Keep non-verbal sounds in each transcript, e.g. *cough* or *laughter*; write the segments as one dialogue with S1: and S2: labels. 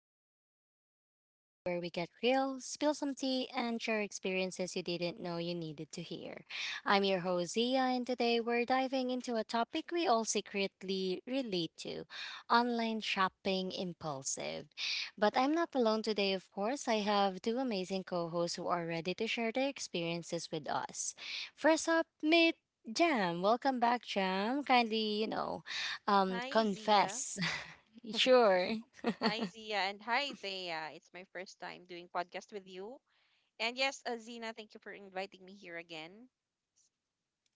S1: back to another episode where we get real, spill some tea, and share experiences you didn't know you needed to hear. I'm your host, Zia, and today we're diving into a topic we all secretly relate to: online shopping impulsive. But I'm not alone today, of course. I have two amazing co hosts who are ready to share their experiences with us. First up, meet Jam. Welcome back, Jam. Kindly, you know,
S2: Hi, Zia.
S1: confess. *laughs* Sure,
S2: Hi, Zia, and hi, Thea. It's my first time doing podcast with you. And yes, Zina, thank you for inviting me here again.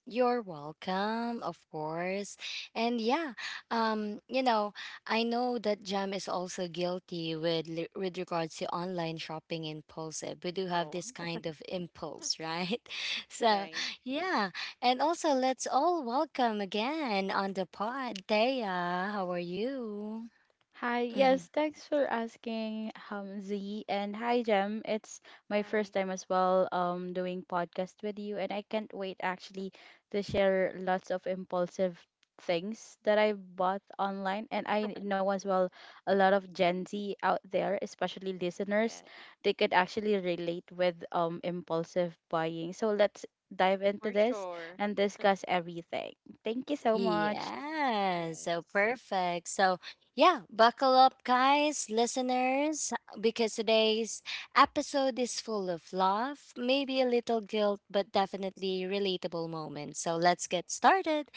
S1: you're welcome, of course. And yeah, um you know I know that Jam is also guilty with with regards to online shopping impulsive. We do have
S2: Oh,
S1: this kind of impulse, right? *laughs* So
S2: right.
S1: yeah. And also let's all welcome again on the pod Thea. How are you?
S3: Hi, yes,
S1: Mm-hmm.
S3: thanks for asking, Z, and hi, Jem. It's my first
S2: Hi.
S3: time as well, doing podcast with you, and I can't wait actually to share lots of impulsive things that I bought online. And I know as well a lot of Gen Z out there, especially listeners,
S2: Yeah,
S3: they could actually relate with impulsive buying. So let's dive into
S2: for
S3: this
S2: sure.
S3: and discuss everything. Thank you so much.
S1: Yeah, so
S2: Yes.
S1: perfect. So, yeah, buckle up, guys, listeners, because today's episode is full of love, maybe a little guilt, but definitely relatable moments. So, let's get started.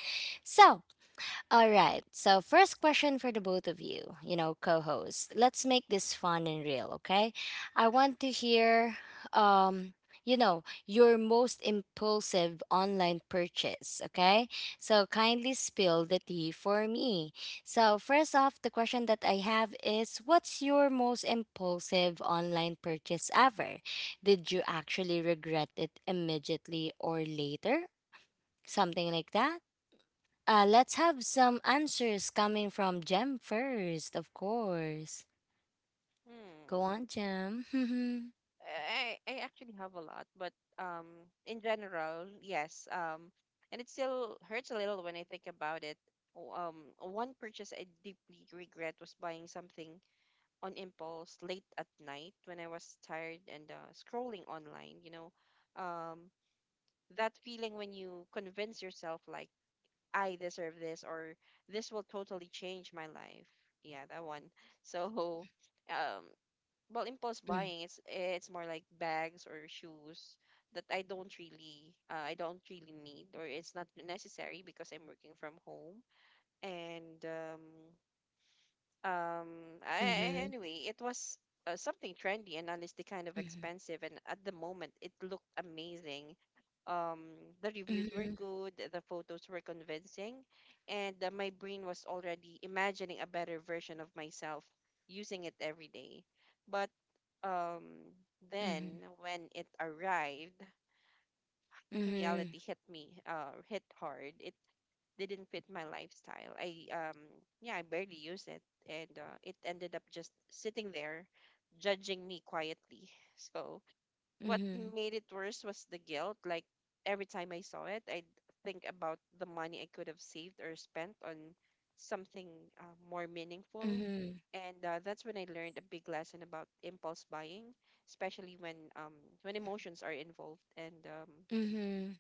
S1: So, all right. So, first question for the both of you, you know, co hosts. Let's make this fun and real, okay? I want to hear, um, you know, your most impulsive online purchase, okay? So, kindly spill the tea for me. So, first off, the question that I have is what's your most impulsive online purchase ever? Did you actually regret it immediately or later? Something like that? Let's have some answers coming from Jem first, of course. Go
S2: Hmm.
S1: on, Jem. *laughs*
S2: I actually have a lot, but in general, yes. And it still hurts a little when I think about it. Oh. One purchase I deeply regret was buying something on impulse late at night when I was tired and scrolling online, um, that feeling when you convince yourself, like, I deserve this, or this will totally change my life. Yeah, that one. *laughs* So, um, well, impulse buying, it's more like bags or shoes that I don't really need, or it's not necessary because I'm working from home. And, um,
S1: Mm-hmm.
S2: a-
S1: Mm-hmm.
S2: anyway, it was something trendy and honestly kind of expensive. And at the moment, it looked amazing. The reviews were
S1: Mm-hmm.
S2: good, the photos were convincing, and my brain was already imagining a better version of myself using it every day. But um, then
S1: Mm-hmm.
S2: when it arrived,
S1: Mm-hmm.
S2: reality hit me, hit hard. It didn't fit my lifestyle. I Yeah, I barely use it, and it ended up just sitting there judging me quietly. *laughs* So what made it worse was the guilt. Like every time I saw it, I'd think about the money I could have saved or spent on something more meaningful.
S1: Mm-hmm.
S2: And that's when I learned a big lesson about impulse buying, especially when emotions are involved, and um
S1: Mm-hmm.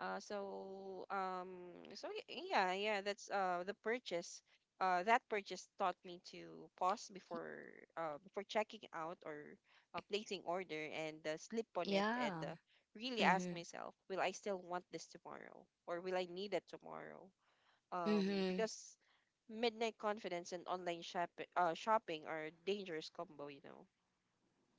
S2: uh, so yeah, that's the purchase. That purchase taught me to pause before checking out, or placing order, and sleep on it, and
S1: Yeah.
S2: really ask
S1: Mm-hmm.
S2: myself, will I still want this tomorrow, or will I need it tomorrow?
S1: Mm-hmm.
S2: Because midnight confidence and online shopping are dangerous combo.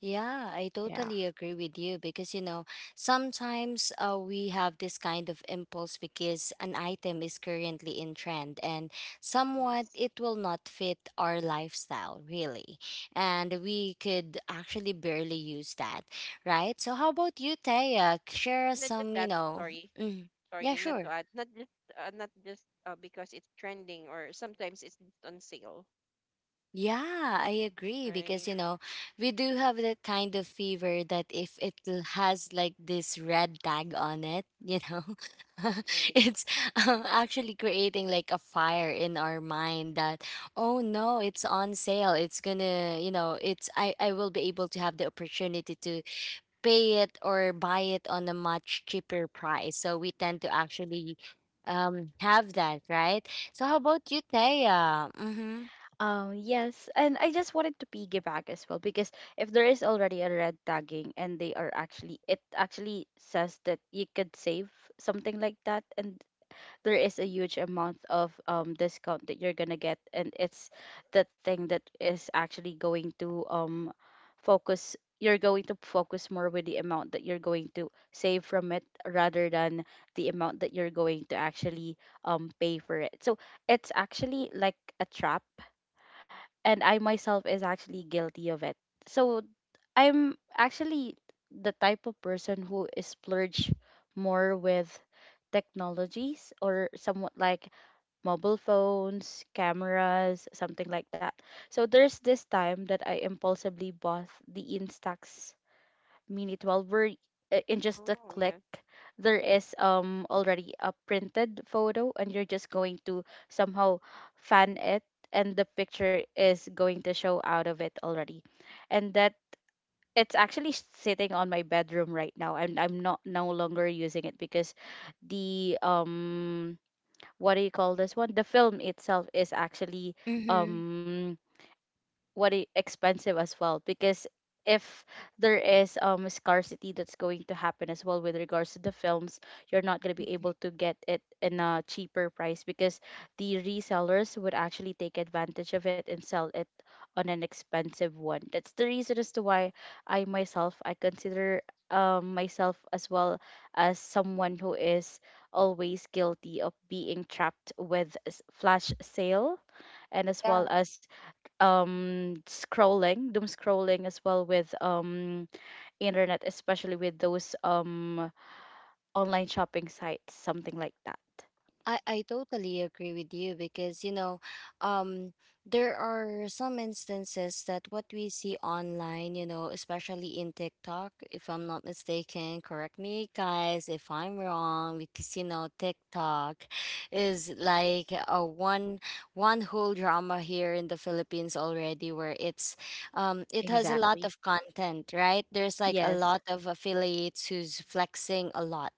S1: Yeah, I
S3: Yeah.
S1: totally agree with you because you know, sometimes we have this kind of impulse because an item is currently in trend and somewhat
S2: Yes,
S1: it will not fit our lifestyle, really. And we could actually barely use that, right? So, how about you, Taya? Share us
S2: not just
S1: some, you
S2: that.
S1: know,
S2: Sorry.
S1: mm, yeah,
S2: Not to
S1: sure.
S2: add, not just, because it's trending, or sometimes it's just on sale.
S1: Yeah, I agree
S2: Right,
S1: because you know, we do have that kind of fever that if it has like this red tag on it, you know. *laughs*
S2: right.
S1: It's actually creating like a fire in our mind that oh no, it's on sale. It's gonna, you know, it's I will be able to have the opportunity to pay it or buy it on a much cheaper price. So we tend to actually have that, right? So how about you, Taya? Mhm.
S3: Yes, and I just wanted to piggyback as well because if there is already a red tagging and they are actually it actually says that you could save something like that, and there is a huge amount of discount that you're gonna get, and it's the thing that is actually going to focus more with the amount that you're going to save from it rather than the amount that you're going to actually pay for it. So it's actually like a trap, and I myself is actually guilty of it. So I'm actually the type of person who is splurge more with technologies or somewhat like mobile phones, cameras, something like that. So there's this time that I impulsively bought the Instax Mini 12, where in just a
S2: Oh,
S3: click,
S2: yeah,
S3: there is already a printed photo, and you're just going to somehow fan it, and the picture is going to show out of it already, and that it's actually sitting on my bedroom right now, and I'm not no longer using it because the what do you call this one? The film itself is actually
S1: Mhm.
S3: um expensive as well, because if there is scarcity that's going to happen as well with regards to the films, you're not going to be able to get it in a cheaper price because the resellers would actually take advantage of it and sell it on an expensive one. That's the reason as to why I myself I consider myself as well as someone who is always guilty of being trapped with flash sale, and as
S1: Yeah.
S3: well as scrolling doom scrolling as well with internet, especially with those online shopping sites, something like that.
S1: I totally agree with you because you know, um there are some instances that what we see online, you know, especially in TikTok, if I'm not mistaken, correct me guys if I'm wrong, because you know, TikTok is like a one whole drama here in the Philippines already, where it's, it has a lot
S3: Exactly.
S1: of content. Right, there's like a
S3: Yes,
S1: lot of affiliates who's flexing a lot,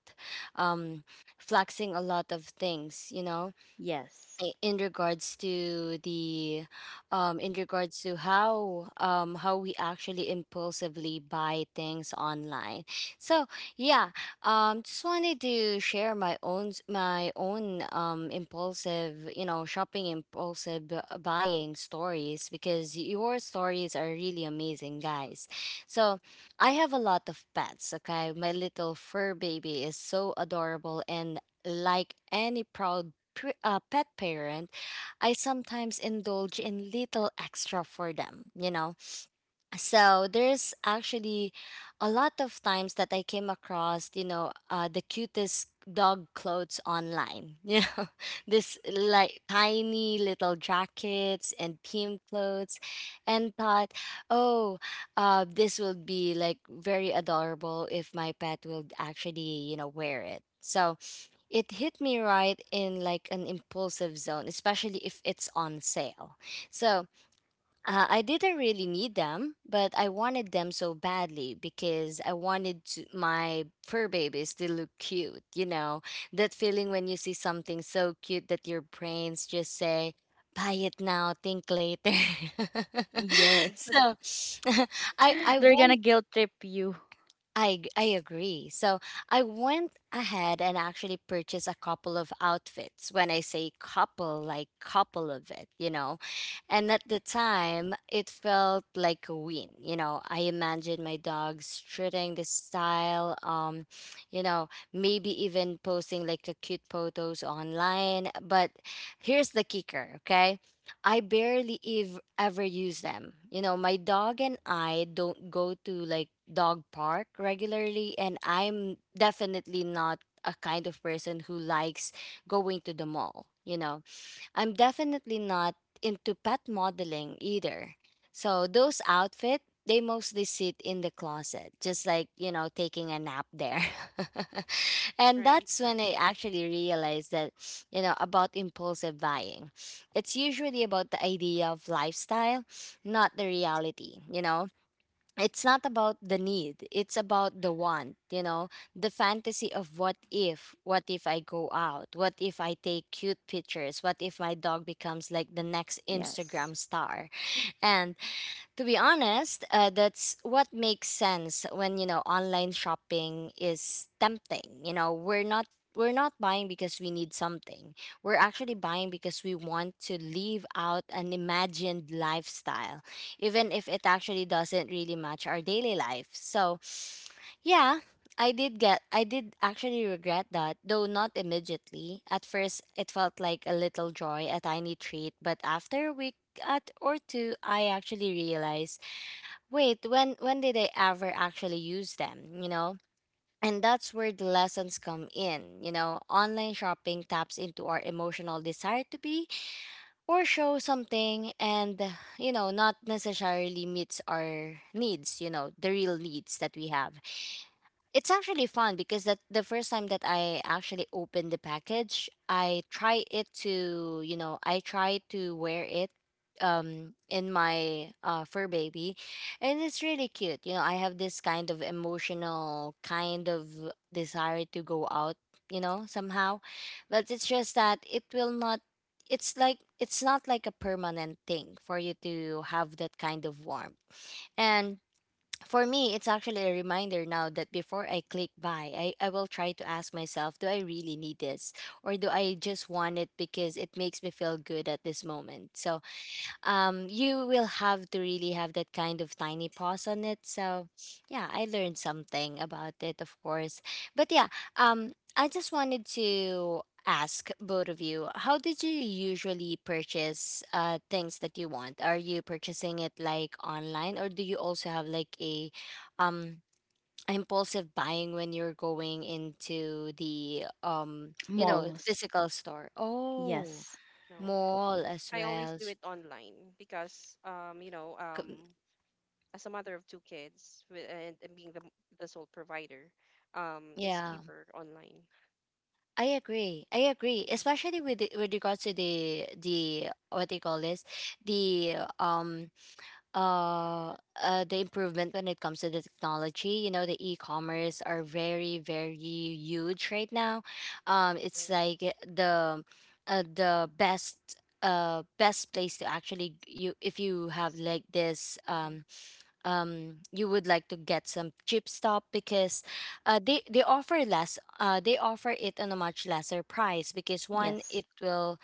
S1: um flexing a lot of things, you know?
S3: yes,
S1: In regards to the, in regards to how, how we actually impulsively buy things online. So yeah, just wanted to share my own, my own impulsive, you know, shopping impulsive buying stories, because your stories are really amazing, guys. So I have a lot of pets, okay? My little fur baby is so adorable, and like any proud pet parent, I sometimes indulge in little extra for them, you know. So there's actually a lot of times that I came across, you know, the cutest dog clothes online, *laughs* you know, this like tiny little jackets and team clothes, and thought, oh, this will be like very adorable if my pet will actually, you know, wear it. So it hit me right in like an impulsive zone, especially if it's on sale. So I didn't really need them, but I wanted them so badly because I wanted to, my fur babies to look cute. You know, that feeling when you see something so cute that your brains just say, buy it now, think later. *laughs*
S2: right,
S3: yes.
S1: So *laughs* I,
S3: *laughs*
S1: I
S3: They're
S1: went
S3: gonna guilt trip you.
S1: I agree. So I went ahead and actually purchased a couple of outfits. When I say couple, like couple of it, you know. And at the time, it felt like a win. You know, I imagined my dog strutting the style. You know, maybe even posting like the cute photos online. But here's the kicker, okay? I barely ever use them. You know, my dog and I don't go to like dog park regularly, and I'm definitely not a kind of person who likes going to the mall, you know. I'm definitely not into pet modeling either. So those outfit, they mostly sit in the closet, just like, you know, taking a nap there. *laughs* And
S2: right.
S1: that's when I actually realized that, you know, about impulsive buying. It's usually about the idea of lifestyle, not the reality, you know? It's not about the need, it's about the want, you know, the fantasy of what if, what if I go out, what if I take cute pictures, what if my dog becomes like the next
S3: Yes.
S1: Instagram star. And to be honest, that's what makes sense when you know online shopping is tempting. You know, we're not buying because we need something. We're actually buying because we want to live out an imagined lifestyle, even if it actually doesn't really match our daily life. So, yeah, I did actually regret that, though not immediately. At first, it felt like a little joy, a tiny treat, but after we at or two I actually realized, wait, when did I ever actually use them, you know? And that's where the lessons come in. You know, online shopping taps into our emotional desire to be or show something, and you know, not necessarily meets our needs, you know, the real needs that we have. It's actually fun because that the first time that I actually opened the package, I try it to, you know, I try to wear it in my fur baby, and it's really cute. You know, I have this kind of emotional kind of desire to go out, you know, somehow. But it's just that it will not, it's like it's not like a permanent thing for you to have that kind of warmth. And for me, it's actually a reminder now that before I click buy, I will try to ask myself, do I really need this? Or do I just want it because it makes me feel good at this moment? So you will have to really have that kind of tiny pause on it. So yeah, I learned something about it, of course. But yeah, I just wanted to ask both of you, how did you
S2: Mm.
S1: usually purchase things that you want? Are you purchasing it like online, or do you also have like a um impulsive buying when you're going into the you know,
S3: Malls.
S1: physical store? Oh,
S3: Yes,
S2: No,
S1: mall as
S2: I always
S1: well.
S2: do it online because
S1: C-
S2: as a mother of two kids with, and being the sole provider, it's
S1: yeah,
S2: cheaper online.
S1: I agree. I agree,
S2: Mhm.
S1: especially with the, with regards to the what do you call this, the um uh, the improvement when it comes to the technology. You know, the
S2: Yes,
S1: e-commerce are very huge right now. It's
S2: right.
S1: like the the best place to actually you if you have
S2: Yes.
S1: like this
S2: Mm-hmm.
S1: um you would like to get some cheap stuff, because they offer less, they offer it on a much lesser price, because one
S3: yes,
S1: it will,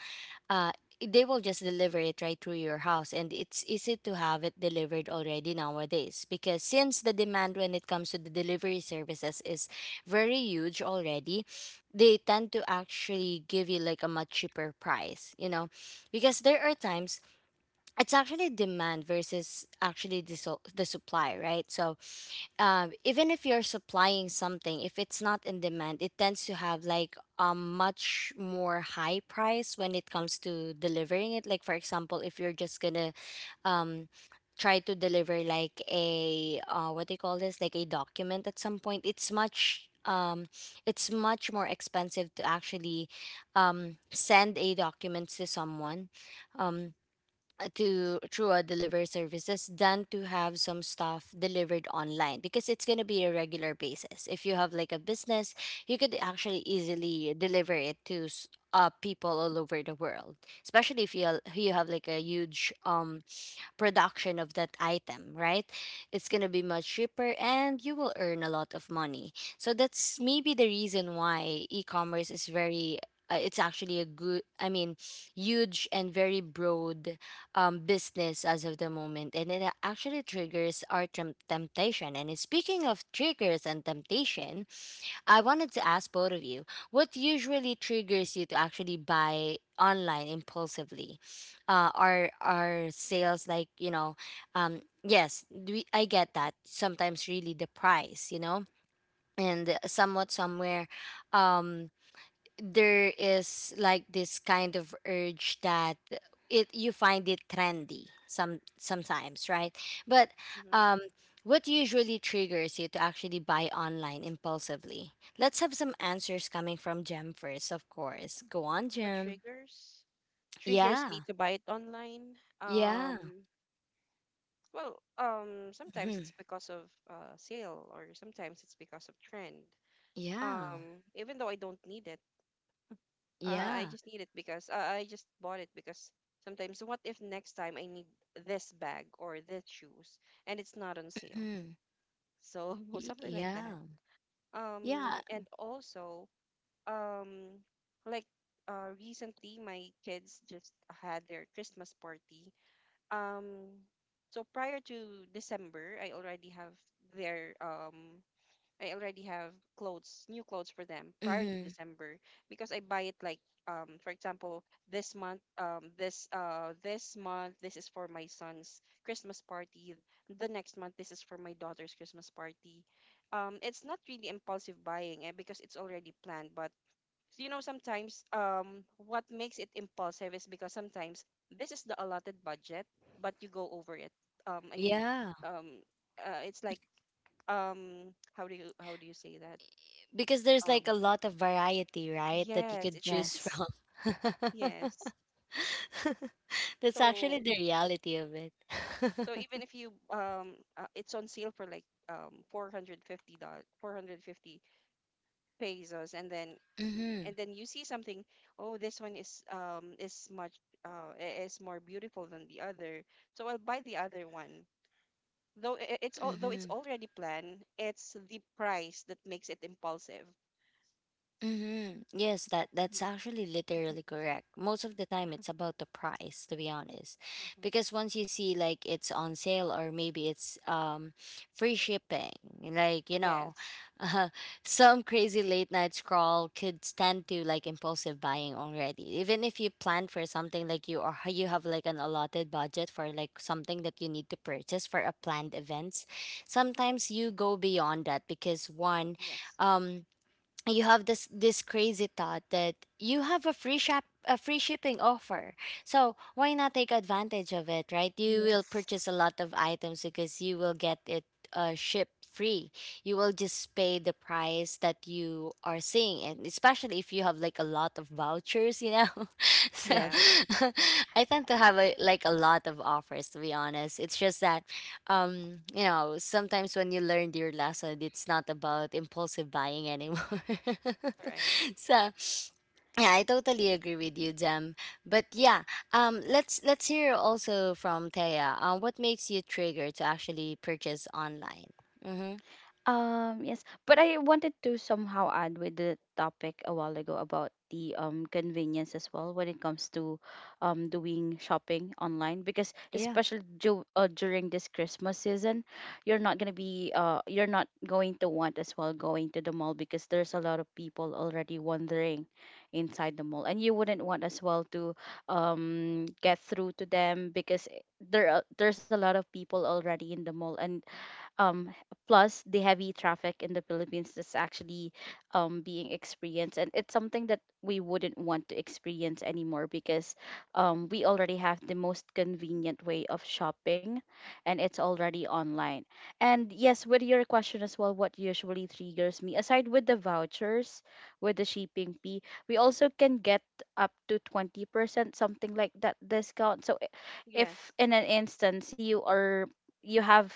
S1: uh they will just deliver it right through your house, and it's easy to have it delivered already nowadays, because since the demand when it comes to the delivery services is very huge already, they tend to actually give you like a much cheaper price, you know. Because there are times, it's actually demand versus actually the, the supply, right? So even if you're supplying something, if it's not in demand it tends to have like a much more high price when it comes to delivering it. Like for example, if you're just gonna um, try to deliver like a what do you call this, like a document at some point, it's much more expensive to actually send a document to someone, um to through a delivery services, than to have some stuff delivered online, because it's going to be a regular basis. If you have like a business, you could actually easily deliver it to people all over the world, especially if you you have like a huge production of that item, right? It's going to be much cheaper and you will earn a lot of money. So that's maybe the reason why e-commerce is very, it's actually a good, I mean, huge and very broad business as of the moment, and it actually triggers our temptation, and speaking of triggers and temptation, I wanted to ask both of you, what usually triggers you to actually buy online impulsively? Are sales, like, you know? Yes, I get that. Sometimes really the price, you know, and somewhat somewhere, um, there is like this kind of urge that it you find it trendy sometimes, right, but
S2: Mm-hmm.
S1: um what usually triggers you to actually buy online impulsively? Let's have some answers coming from Jem first, of course. Go on,
S2: What
S1: Jem.
S2: triggers? Triggers me
S1: Yeah.
S2: to buy it online.
S1: Yeah.
S2: Um, Well, sometimes
S1: Mhm.
S2: it's because of sale, or sometimes it's because of trend.
S1: Yeah.
S2: Even though I don't need it, *laughs* I
S1: Yeah.
S2: just need it, because I just bought it because sometimes, what if next time I need this bag or this shoes and it's not on sale?
S1: Mhm.
S2: So, *laughs* something like that.
S1: Yeah. Yeah.
S2: And also, um, like recently my kids just had their Christmas party. Um, so prior to December, I already have their I already have clothes, new clothes for them, prior to
S1: Mhm.
S2: December, because I buy it like, for example, this month, this is for my son's Christmas party. The next month, this is for my daughter's Christmas party. It's not really impulsive buying, eh, because it's already planned, but so, sometimes, what makes it impulsive is because sometimes this is the allotted budget, but you go over it. I mean,
S1: Yeah,
S2: um, it's like, how do you say that?
S1: because there's like
S2: Um,
S1: a lot of variety, right, that you
S2: yes,
S1: could
S2: it's
S1: choose
S3: yes,
S1: from. *laughs*
S2: yes.
S1: *laughs* That's actually
S2: So
S1: the reality of it. *laughs*
S2: so even if you, it's on sale for like, $450, 450 pesos, and then,
S1: Mhm.
S2: you see something, oh, this one is, is more beautiful than the other, so I'll buy the other one. Though it's
S1: Mhm.
S2: already planned, it's the price that makes it impulsive.
S1: Mm-hmm. Yes, that's
S2: Yeah.
S1: actually literally correct. Most of the time, it's about the price, to be honest,
S2: Uh-huh.
S1: because once you see like it's on sale, or maybe it's free shipping, like,
S2: Yes.
S1: *laughs* uh, some crazy late night scroll could tend to like impulsive buying already. Even if you plan for something like you, or you have like an allotted budget for like something that you need to purchase for a planned events, sometimes
S2: Yeah.
S1: you go beyond that because one,
S2: Yes,
S1: um you have this crazy thought that you have a free shipping offer, so why not take advantage of it, right? You will
S3: yes,
S1: purchase a lot of items because you will get it shipped free. You will just pay the price that you are seeing, and especially if you have like a lot of vouchers, *laughs* so
S3: yes.
S2: yes,
S1: *laughs* I tend to have a, like, a lot of offers, to be honest. It's just that sometimes when you learned your lesson, it's not about impulsive buying anymore.
S2: right,
S1: *laughs* So, yeah, I totally agree with you, Jem. But yeah, let's hear also from Taya. What makes you trigger to actually purchase online? Mm-hmm.
S3: Yes, but I wanted to somehow add with the topic a while ago about the convenience as well when it comes to doing shopping online, because
S1: Yeah.
S3: especially during this Christmas season, you're not gonna be you're not going to want as well going to the mall because there's a lot of people already wandering inside the mall, and you wouldn't want as well to get through to them because there's a lot of people already in the mall, and um plus the heavy traffic in the Philippines that's actually being experienced, and it's something that we wouldn't want to experience anymore because we already have the most convenient way of shopping, and it's already online. And yes, with your question as well, what usually triggers me aside with the vouchers, with the shipping fee, we also can get up to 20% something like that discount. So if
S2: yes.
S3: in an instance you have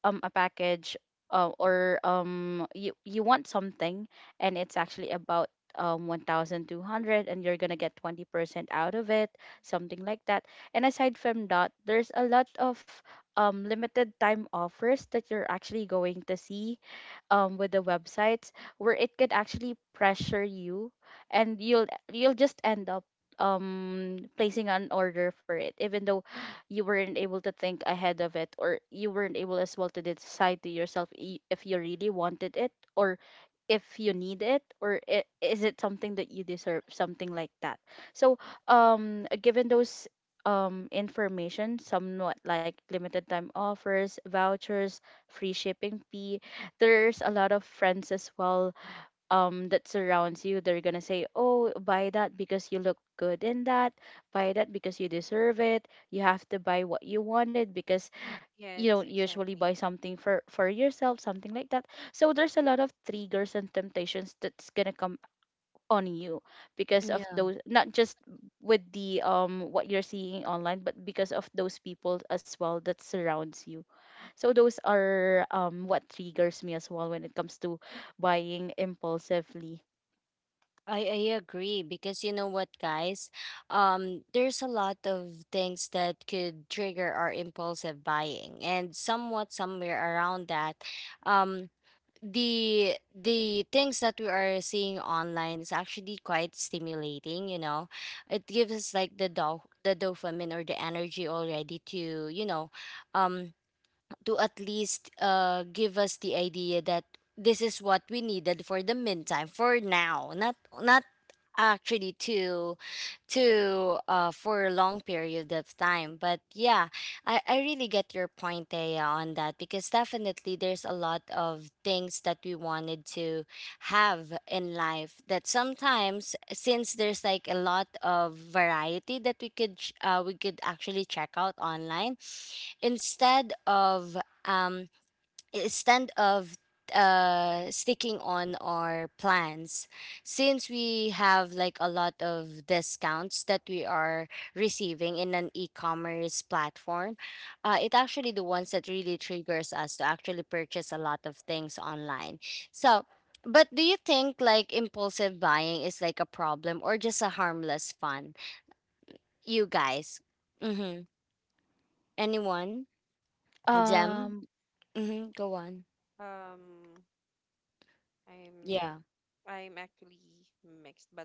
S3: a package, or you want something, and it's actually about 1200 and you're going to get 20% out of it, something like that. And aside from that, there's a lot of limited time offers that you're actually going to see, with the websites, where it could actually pressure you, and you'll just end up placing an order for it, even though you weren't able to think ahead of it, or you weren't able as well to decide to yourself if you really wanted it, or if you need it, or is it something that you deserve, something like that. So given those information, somewhat like limited time offers, vouchers, free shipping fee, there's a lot of friends as well that surrounds you. They're gonna say, oh, buy that because you look good in that, buy that because you deserve it, you have to buy what you wanted because
S2: Yes,
S3: you don't
S2: exactly.
S3: usually buy something for yourself, something like that. So there's a lot of triggers and temptations that's gonna come on you because of
S1: Yeah,
S3: those, not just with the what you're seeing online, but because of those people as well that surrounds you. So those are what triggers me as well when it comes to buying impulsively.
S1: I agree, because you know what, guys? There's a lot of things that could trigger our impulsive buying, and somewhat somewhere around that, um, the things that we are seeing online is actually quite stimulating, you know. It gives us like the dopamine or the energy already to, um to at least give us the idea that this is what we needed for the meantime for now, not actually to, for a long period of time. But yeah, I really get your point, Thea, on that, because definitely there's a lot of things that we wanted to have in life that sometimes, since there's like a lot of variety that we could we could actually check out online instead of um instead of sticking on our plans, since we have like a lot of discounts that we are receiving in an e-commerce platform, it actually, the ones that really triggers us to actually purchase a lot of things online, so, but do you think like impulsive buying is like a problem or just a harmless fun, you guys? Mm-hmm. Anyone?
S2: Hmm.
S1: Gem
S3: Um,
S1: mm-hmm. Go on.
S2: Um, I'm
S1: Yeah.
S2: I'm actually mixed, but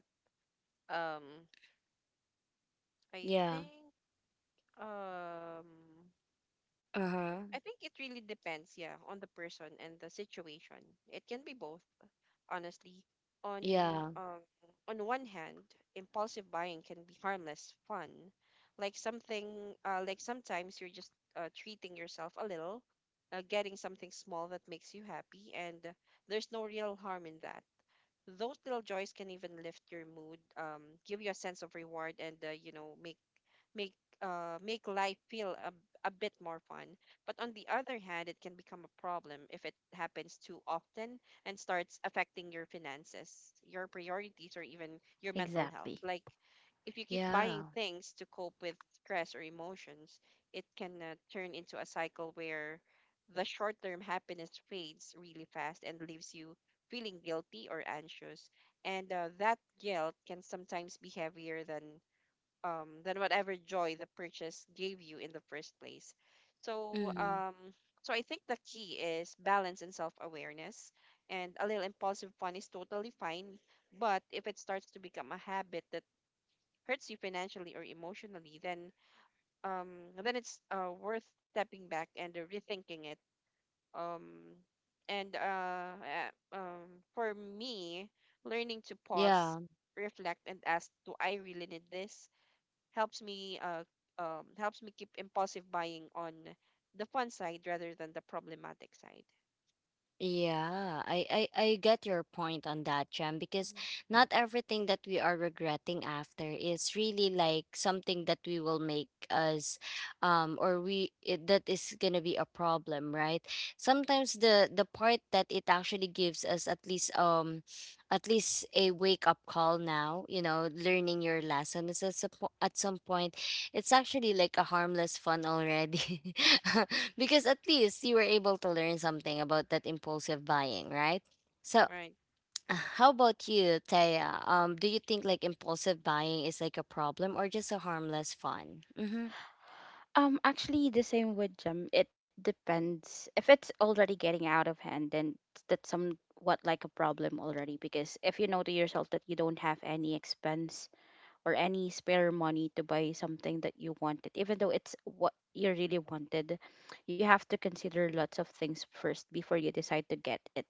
S2: um, I
S1: Yeah.
S2: think um,
S1: Uh-huh.
S2: I think it really depends, yeah, on the person and the situation. It can be both, honestly. On
S1: Yeah,
S2: um, on one hand, impulsive buying can be harmless fun, like something, like sometimes you're just treating yourself a little, getting something small that makes you happy, and there's no real harm in that. Those little joys can even lift your mood, give you a sense of reward, and make make life feel a bit more fun. But on the other hand, it can become a problem if it happens too often and starts affecting your finances, your priorities, or even your mental health.
S3: exactly.
S2: Like, if you keep buying
S1: yeah.
S2: things to cope with stress or emotions, it can turn into a cycle where the short term happiness fades really fast and leaves you feeling guilty or anxious. And that guilt can sometimes be heavier than whatever joy the purchase gave you in the first place. So
S1: Hmm.
S2: um, so I think the key is balance and self awareness. And a little impulsive fun is totally fine, but if it starts to become a habit that hurts you financially or emotionally, then it's worth stepping back and rethinking it. Um and uh uh, um for me, learning to pause,
S1: Yeah,
S2: reflect, and ask, do I really need this, helps me uh helps me keep impulsive buying on the fun side rather than the problematic side.
S1: yeah. I get your point on that, Jem, because
S2: Hmm.
S1: not everything that we are regretting after is really like something that we will make us, or we it, that is gonna be a problem, right? Sometimes the part that it actually gives us at least a wake up call now, you know, learning your lesson, is at at some point. It's actually like a harmless fun already. *laughs* Because at least you were able to learn something about that impulsive buying, right? So,
S2: Right.
S1: *sighs* *tsk* how about you, Taya? Do you think like impulsive buying is like a problem or just a harmless fun? Mm-hmm.
S3: Actually, the same with gym. It depends. If it's already getting out of hand, then that's somewhat like a problem already. Because if you know to yourself that you don't have any expense or any spare money to buy something that you wanted, even though it's what you really wanted, you have to consider lots of things first before you decide to get it.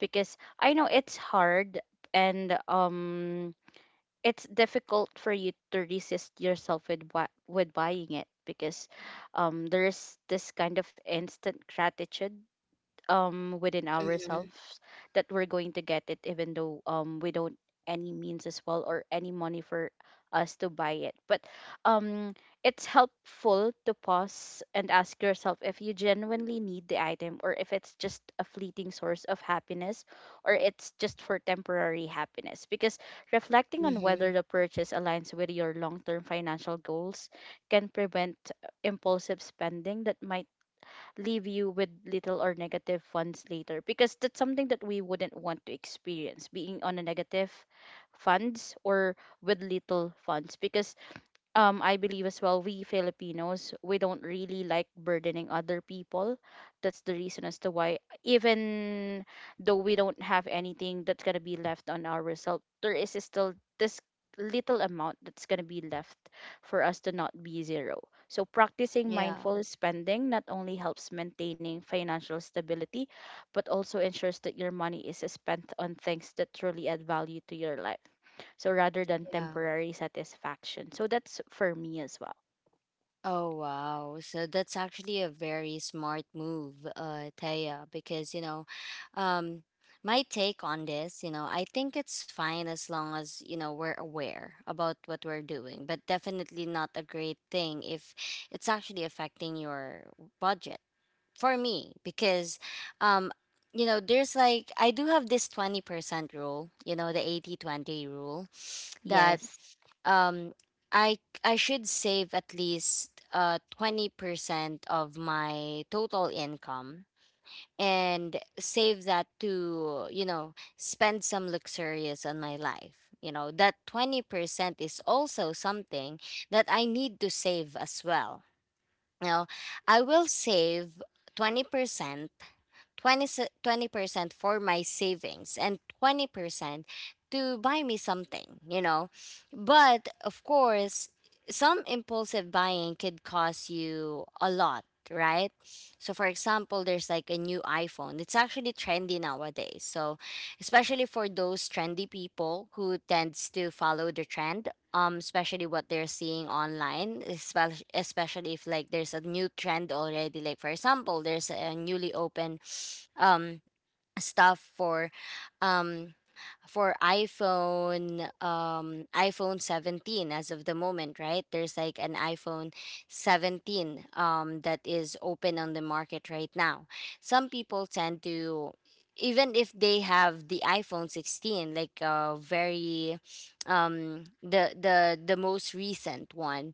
S3: Because I know it's hard, and it's difficult for you to resist yourself with buying it because there's this kind of instant gratitude within
S1: Mm-hmm.
S3: ourselves that we're going to get it, even though we don't any means as well or any money for us to buy it. But um it's helpful to pause and ask yourself if you genuinely need the item, or if it's just a fleeting source of happiness, or it's just for temporary happiness, because reflecting on whether
S1: Mm-hmm.
S3: the purchase aligns with your long-term financial goals can prevent impulsive spending that might leave you with little or negative funds later, because that's something that we wouldn't want to experience, being on a negative funds or with little funds, because I believe as well, we Filipinos, we don't really like burdening other people. That's the reason as to why, even though we don't have anything that's going to be left on our result, there is still this little amount that's going to be left for us to not be zero. So, practicing
S1: Yeah.
S3: mindful spending not only helps maintaining financial stability, but also ensures that your money is spent on things that truly add value to your life, so rather than
S1: Yeah.
S3: temporary satisfaction. So that's for me as well.
S1: Oh wow. So that's actually a very smart move, Taya, because, you know, um my take on this, you know, I think it's fine as long as, you know, we're aware about what we're doing, but definitely not a great thing if it's actually affecting your budget. For me, because um you know, there's like, I do have this 20% rule, you know, the 80/20 rule that
S3: Yes,
S1: um i I should save at least 20% of my total income and save that to, you know, spend some luxurious on my life. You know, that 20% is also something that I need to save as well. Now, I will save 20% 20% for my savings, and 20% to buy me something, But of course, some impulsive buying could cost you a lot, right? So for example, there's like a new iPhone. It's actually trendy nowadays. So especially for those trendy people who tends to follow the trend, especially what they're seeing online, especially if like there's a new trend already, like for example there's a newly open um stuff um for iPhone, iPhone 17 as of the moment, right? There's like an iPhone 17 that is open on the market right now. Some people tend to, even if they have the iPhone 16, like, very the most recent one,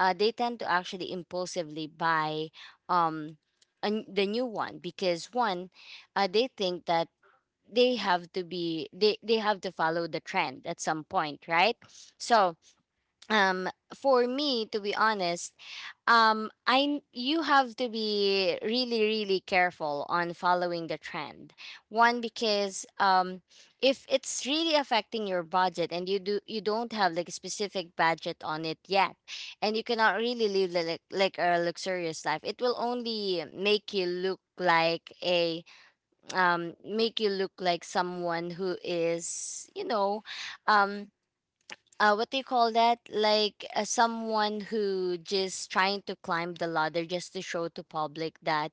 S1: they tend to actually impulsively buy, um the new one, because one, they think that they have to follow the trend at some point, right. So um for me, to be honest, I you have to be really really careful on following the trend, one because if it's really affecting your budget, and you don't have like a specific budget on it yet, and you cannot really live like a luxurious life, it will only make you look like a, make you look like someone who is, you know, um, what do you call that? Like, someone who just trying to climb the ladder just to show to public that,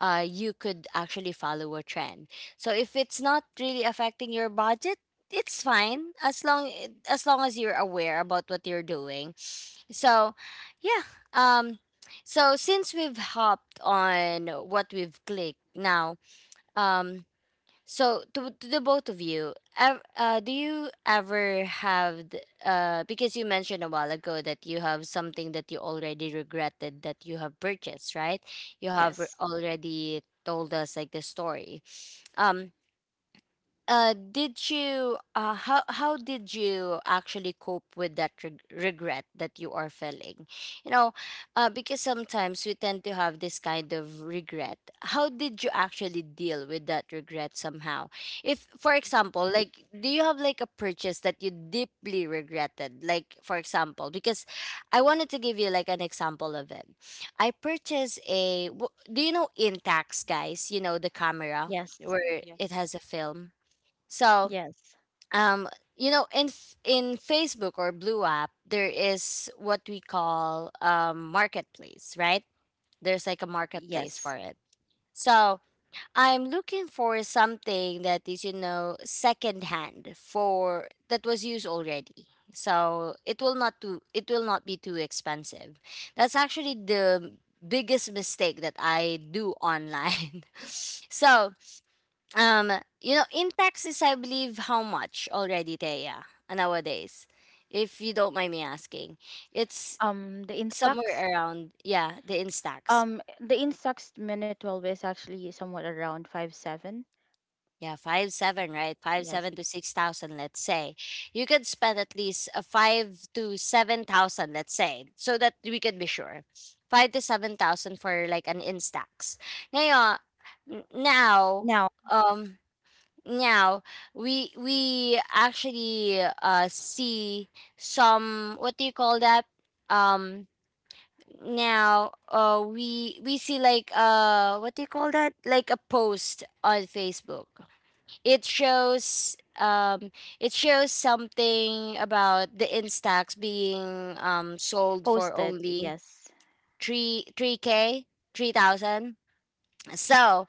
S1: you could actually follow a trend. So if it's not really affecting your budget, it's fine as long as you're aware about what you're doing. So, yeah. Um, so since we've hopped on what we've clicked now, um. So to the both of you, do you ever have because you mentioned a while ago that you have something that you already regretted that you have purchased, right? You have
S2: Yes.
S3: yes,
S2: Hmm.
S1: already told us like the story. Um did you how did you actually cope with that regret that you are feeling? You know, because sometimes we tend to have this kind of regret. How did you actually deal with that regret somehow? If, for example,
S2: Hmm.
S1: like, do you have like a purchase that you deeply regretted? Like, for example, because I wanted to give you like an example of it. I purchased Do you know Intax, guys? You know, the camera
S3: yes,
S1: where
S2: Yes.
S1: it has a film. So,
S3: yes,
S1: um, you know, in Facebook or Blue app, there is what we call marketplace, right? There's like a marketplace
S3: yes.
S1: for it. So I'm looking for something that is, you know, secondhand for that was used already. So it will not too it will not be too expensive. That's actually the biggest mistake that I do online. *laughs* So, um, you know, in taxes, I believe how much already, Thea, nowadays, if you don't mind me asking. It's
S3: The Instax,
S1: somewhere around, yeah, the Instax.
S3: the Instax minute 12 is actually somewhat around 5-7.
S1: Yeah, 5-7, right? Five
S3: Yes.
S1: seven to 6,000, let's say. You could spend at least a five to seven thousand, let's say, so that we could be sure. Five to seven thousand for like an Instax. Now, now,
S3: Now
S1: um, Now we actually see some, what do you call that? Um now we see like what do you call that? Like a post on Facebook. It shows, it shows something about the Instax being sold for
S3: posted.
S1: only
S3: Yes,
S1: 3 3K 3,000. So,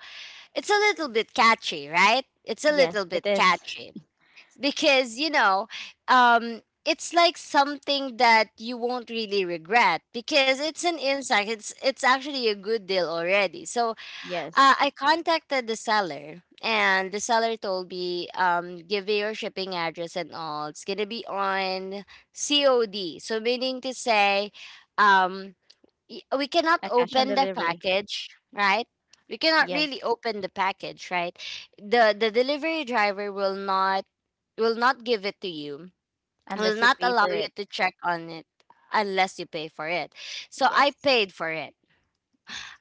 S1: it's a little bit catchy, right? It's a little
S3: yes, it
S1: bit
S3: is.
S1: catchy because, it's like something that you won't really regret because it's an insight, it's actually a good deal already, so
S3: Yes,
S1: I contacted the seller, and the seller told me, give me your shipping address and all, it's gonna be on cod. So, meaning to say, um we cannot
S3: a cash on
S1: open the
S3: delivery.
S1: package, right? We cannot
S3: Yes,
S1: really open the package, right? The delivery driver will not, give it to you, will
S3: unless you
S1: not
S3: pay
S1: allow
S3: for
S1: you
S3: it.
S1: to check on it, unless you pay for it. So I
S3: Yes,
S1: paid for it.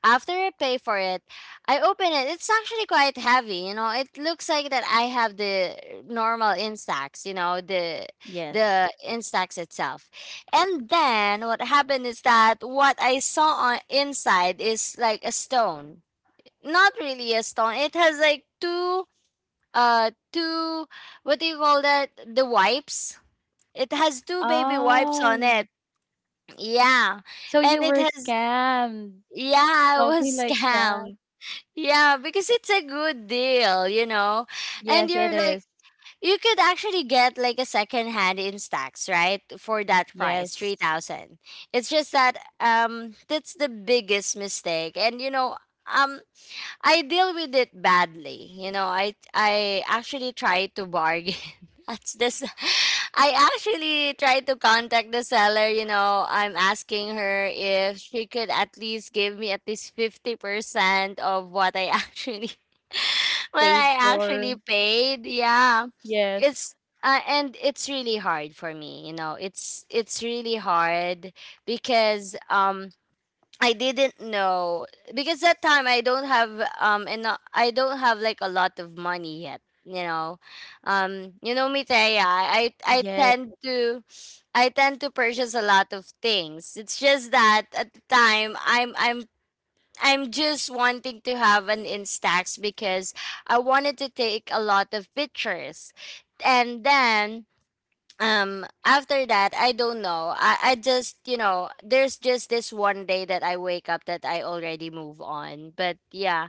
S1: After I pay for it, I open it. It's actually quite heavy, you know. It looks like that I have the normal Instax, you know, the
S3: yes.
S1: Instax itself. And then what happened is that what I saw on inside is like a stone. Not really a stone. It has like two what do you call that? The wipes, it has two baby wipes on it.
S3: Oh,
S1: Yeah.
S3: so
S1: And
S3: you
S1: it
S3: were
S1: has,
S3: scammed.
S1: yeah, I
S3: Something
S1: was *laughs*
S3: like that.
S1: scammed. Yeah, because it's a good deal, you know?
S3: Yes,
S1: And
S3: it
S1: you're
S3: is.
S1: like, you could actually get like a second hand in stacks, right? For that price,
S3: Yes.
S1: 3,000. It's just that that's the biggest mistake. And um I deal with it badly. I actually try to bargain. *laughs* That's this. I actually try to contact the seller. I'm asking her if she could at least give me at least 50% of what I actually *laughs* what
S3: Paid
S1: I
S3: for.
S1: actually paid. Yeah,
S3: Yes.
S1: it's. And it's really hard for me. it's really hard because I didn't know, because that time I don't have and I don't have like a lot of money yet. You know me, Taya. I I I
S3: Yeah.
S1: tend to, I tend to purchase a lot of things. It's just that at the time I'm just wanting to have an Instax because I wanted to take a lot of pictures. And then after that I don't know, I just there's just this one day that I wake up that I already move on. But yeah,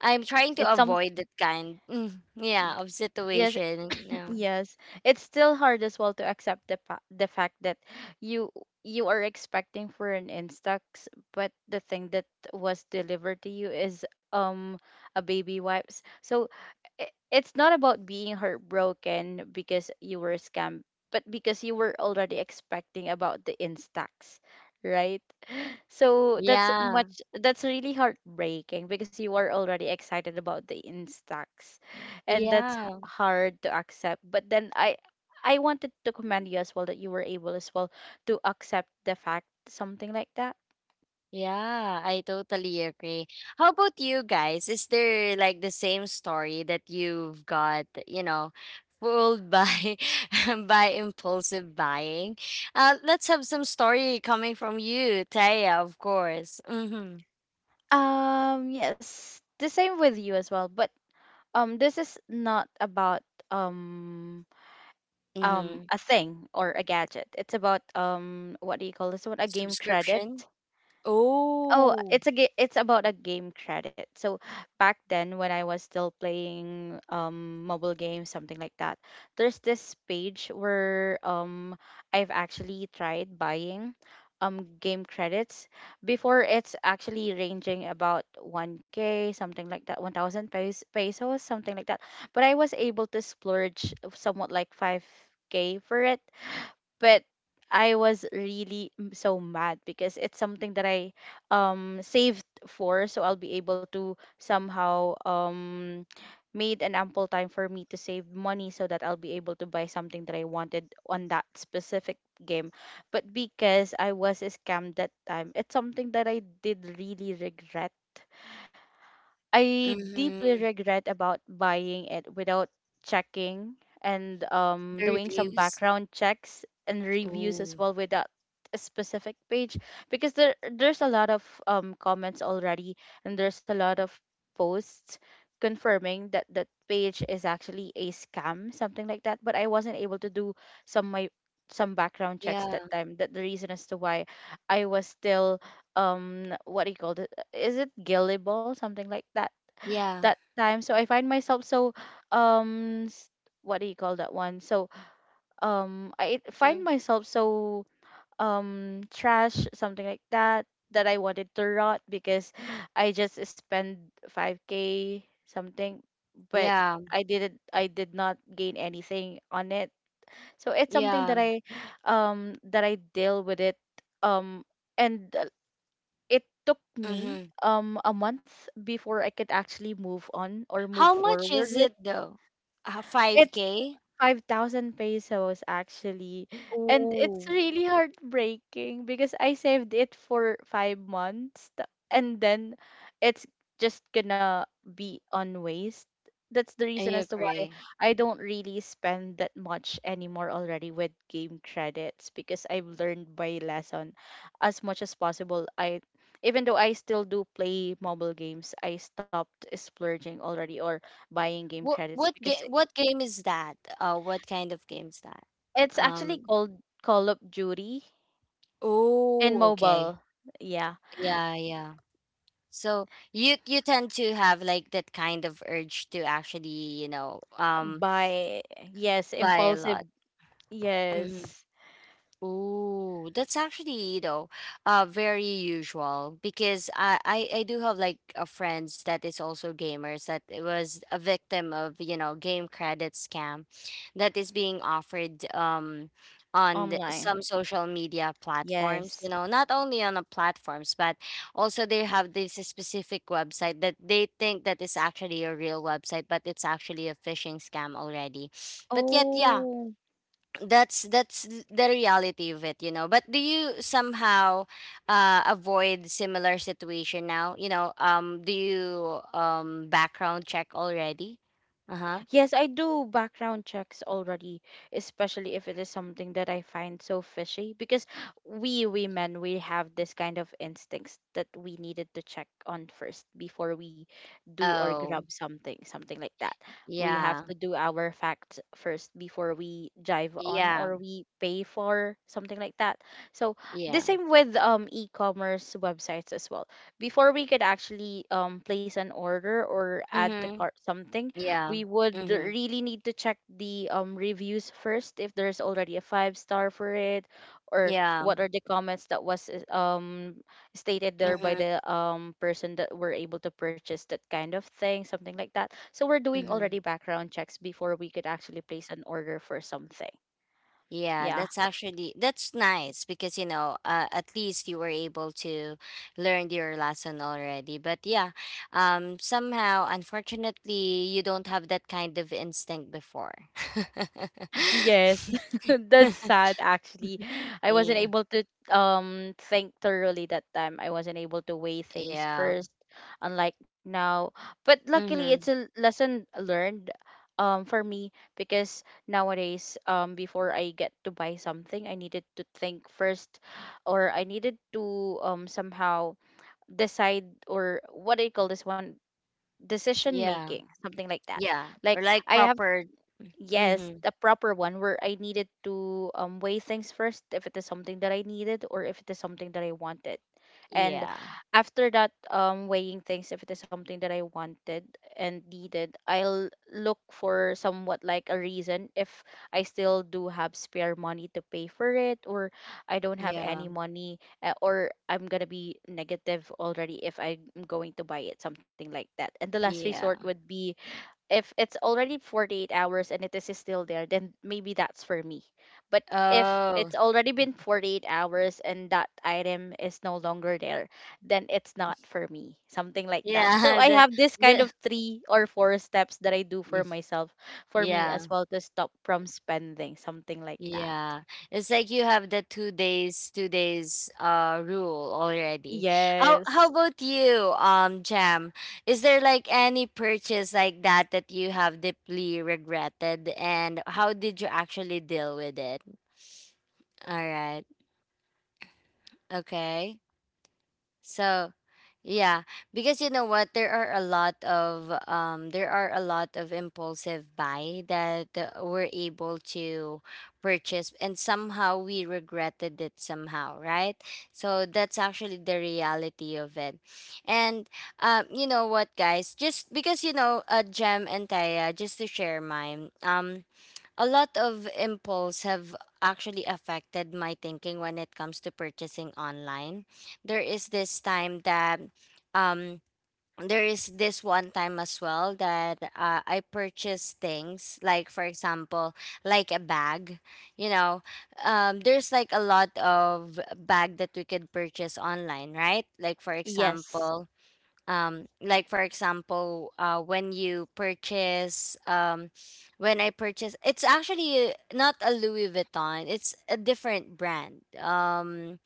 S1: I'm trying
S3: It's
S1: to
S3: some,
S1: avoid that kind, yeah, of
S3: yes,
S1: situation.
S3: *clears throat*
S1: Yeah,
S3: yes. It's still hard as well to accept the the fact that you you are expecting for an Instax, but the thing that was delivered to you is a baby wipes. So it's not about being heartbroken because you were scammed, but because you were already expecting about the Instax, right? So that's
S1: yeah,
S3: much, that's really heartbreaking because you are already excited about the Instax, and that's
S1: yeah.
S3: hard to accept. But then I wanted to commend you as well that you were able as well to accept the fact, something like that.
S1: Yeah, I totally agree. How about you guys? Is there like the same story that you've got, fooled by *laughs* by impulsive buying? Let's have some story coming from you, Taya, of course. Mm-hmm.
S3: Yes, the same with you as well, but this is not about um
S1: Mm-hmm.
S3: a thing or a gadget. It's about what do you call this one? A game credit.
S1: Subscription.
S3: Oh,
S1: Oh.
S3: it's about a game credit. So back then when I was still playing mobile games, something like that, there's this page where I've actually tried buying game credits. Before, it's actually ranging about 1K, something like that, 1,000 pesos, something like that. But I was able to splurge somewhat like 5K for it, but I was so mad because it's something that I saved for so I'll be able to somehow made an ample time for me to save money so that I'll be able to buy something that I wanted on that specific game. But because I was scammed that time, it's something that I did really regret. I deeply
S1: Mm-hmm.
S3: regret about buying it without checking and
S1: The
S3: doing some
S1: reviews.
S3: background checks and reviews as
S1: Oh.
S3: well without a specific page, because there's a lot of comments already, and there's a lot of posts confirming that that page is actually a scam, something like that. But I wasn't able to do some my some background checks
S1: Yeah.
S3: that time, that the reason as to why I was still what do you call it, is it gullible, something like that,
S1: Yeah.
S3: that time. So I find myself so um s- what do you call that one? So I find
S1: Mm.
S3: myself so trash, something like that, that I wanted to rot because *sighs* I just spent 5k something, but
S1: Yeah.
S3: I did not gain anything on it. So it's something that
S1: Yeah.
S3: I that I deal with it. um and it took me
S1: Mm-hmm.
S3: a month before I could actually move on or move
S1: How much
S3: forward
S1: is
S3: with.
S1: it though?
S3: It
S1: 5K?
S3: 5,000 pesos actually. And it's
S1: Oh,
S3: really heartbreaking because I saved it for 5 months and then it's just gonna be on waste. That's the reason
S1: I
S3: as to why
S1: agree.
S3: I don't really spend that much anymore already with game credits, because I've learned by lesson as much as possible. I Even though I still do play mobile games, I stopped splurging already or buying game
S1: What
S3: credits
S1: what
S3: because
S1: game what game is that? What kind of game is that?
S3: it's actually
S1: Um,
S3: called Call of Duty in
S1: oh, okay.
S3: mobile. Yeah.
S1: Yeah, yeah. So you tend to have like that kind of urge to actually,
S3: By yes,
S1: buy a
S3: impulsive.
S1: lot.
S3: Yes.
S1: Oh, that's actually, very usual because I do have like a friends that is also gamers that it was a victim of, game credit scam that is being offered on
S3: Online.
S1: some social media platforms,
S3: Yes.
S1: not only on the platforms, but also they have this specific website that they think that is actually a real website, but it's actually a phishing scam already. But yet, yeah,
S3: Oh.
S1: that's the reality of it. But do you somehow avoid similar situation now? Do you background check already? Uh-huh.
S3: Yes, I do background checks already, especially if it is something that I find so fishy, because we women, we have this kind of instincts that we needed to check on first before we do or
S1: Oh,
S3: grab something, something like that. We have
S1: yeah,
S3: to do our facts first before we jive on
S1: yeah,
S3: or we pay for something like that. So the
S1: yeah.
S3: same with e-commerce websites as well. Before we could actually place an order or add to
S1: Mm-hmm.
S3: cart something,
S1: Yeah.
S3: we would
S1: Mm-hmm.
S3: really need to check the reviews first, if there's already a five star for it or
S1: Yeah.
S3: what are the comments that was stated there by
S1: Mm-hmm.
S3: the person that were able to purchase that kind of thing, something like that. So we're doing
S1: Mm-hmm.
S3: already background checks before we could actually place an order for something.
S1: Yeah,
S3: Yeah.
S1: that's actually, that's nice because at least you were able to learn your lesson already. But yeah, somehow unfortunately you don't have that kind of instinct before.
S3: Yes,
S1: *laughs*
S3: *laughs* that's sad actually. I wasn't
S1: Yeah,
S3: able to think thoroughly that time. I wasn't able to weigh things
S1: yeah,
S3: first, unlike now. But luckily,
S1: mm-hmm.
S3: it's a lesson learned for me, because nowadays before I get to buy something, I needed to think first, or I needed to somehow decide, or what do you call this one? Decision
S1: Yeah,
S3: making, something like that.
S1: yeah,
S3: Like
S1: or like
S3: I have
S1: proper.
S3: Yes,
S1: Mm-hmm.
S3: the proper one, where I needed to weigh things first if it is something that I needed or if it is something that I wanted. And
S1: Yeah,
S3: after that weighing things, if it is something that I wanted and needed, I'll look for somewhat like a reason if I still do have spare money to pay for it, or I don't have
S1: yeah,
S3: any money or I'm going to be negative already if I'm going to buy it, something like that. And the last resort
S1: yeah.
S3: would be if it's already 48 hours and it is still there, then maybe that's for me. But if
S1: Oh,
S3: it's already been 48 hours and that item is no longer there, then it's not for me, something like that.
S1: yeah.
S3: So
S1: *laughs*
S3: I have this kind
S1: The
S3: of three or four steps that I do
S1: Mm,
S3: for myself, for me
S1: yeah.
S3: as well, to stop from spending something like that.
S1: Yeah. It's like you have the 2 days, 2 days rule already. How
S3: Yes.
S1: about you, Jam? Is there like any purchase like that that you have deeply regretted and how did you actually deal with it? All right. Okay. So, yeah, because you know what, there are a lot of there are a lot of impulsive buy that we're able to purchase, and somehow we regretted it somehow, right? So that's actually the reality of it. And you know what, guys, just because Jem and Taya, just to share mine, a lot of impulse have actually affected my thinking when it comes to purchasing online. There is this time that um there is this one time as well that I purchased things like, for example, like a bag, you know there's like a lot of bag that we could purchase online, right? Like, for
S3: Yes,
S1: example, when you purchase when I purchase. It's actually not a Louis Vuitton, it's a different brand. um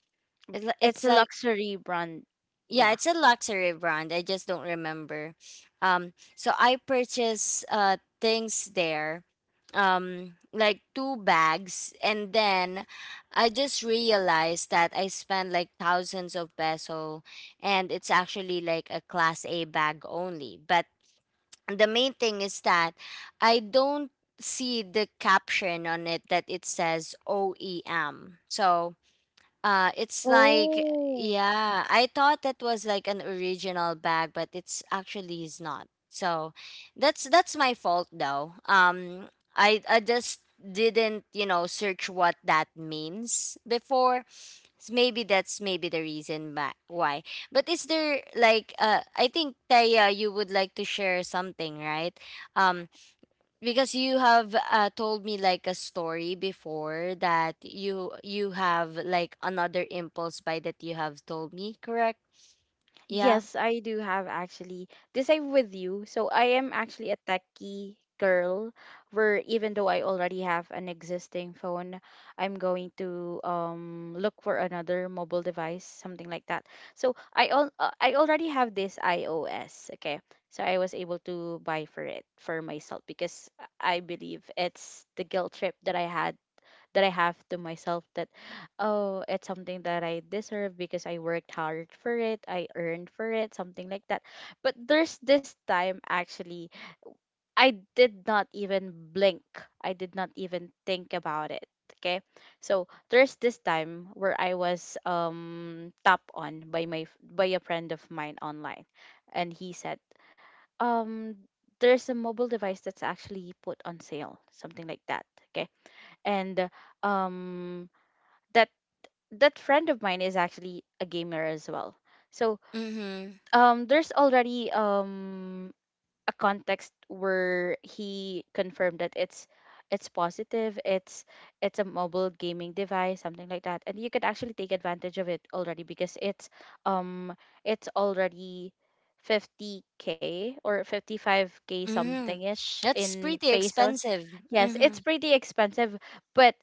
S1: it,
S3: it's
S1: it's
S3: a
S1: like,
S3: luxury brand.
S1: yeah,
S3: Yeah.
S1: it's a luxury brand. I just don't remember. So I purchased things there, like two bags, and then I just realized that I spent like thousands of peso, and it's actually like a class A bag only. But the main thing is that I don't see the caption on it that it says OEM. So it's like,
S3: Oh.
S1: yeah, I thought that was like an original bag, but it's actually is not. So that's my fault though. I just didn't search what that means before. Maybe that's maybe the reason why. But is there like I think Taya, you would like to share something, right? Um, because you have told me like a story before that you have like another impulse buy that you have told me, correct? Yeah.
S3: Yes, I do have actually. This I'm with you. So I am actually a techie girl, where even though I already have an existing phone, I'm going to look for another mobile device, something like that. So I already have this iOS, okay? So I was able to buy for it for myself because I believe it's the guilt trip that I had, that I have to myself, that oh, it's something that I deserve because I worked hard for it, I earned for it, something like that. But there's this time actually I did not even blink. I did not even think about it. Okay. So there's this time where I was tap on by by a friend of mine online, and he said, um there's a mobile device that's actually put on sale, something like that. Okay. And um that that friend of mine is actually a gamer as well. So
S1: Mm-hmm.
S3: there's already a context where he confirmed that it's positive, it's a mobile gaming device, something like that, and you could actually take advantage of it already because um it's already 50k or 55k
S1: Mm-hmm.
S3: something ish
S1: That's
S3: in
S1: pretty
S3: pesos.
S1: expensive.
S3: Yes,
S1: Mm-hmm.
S3: it's pretty expensive, but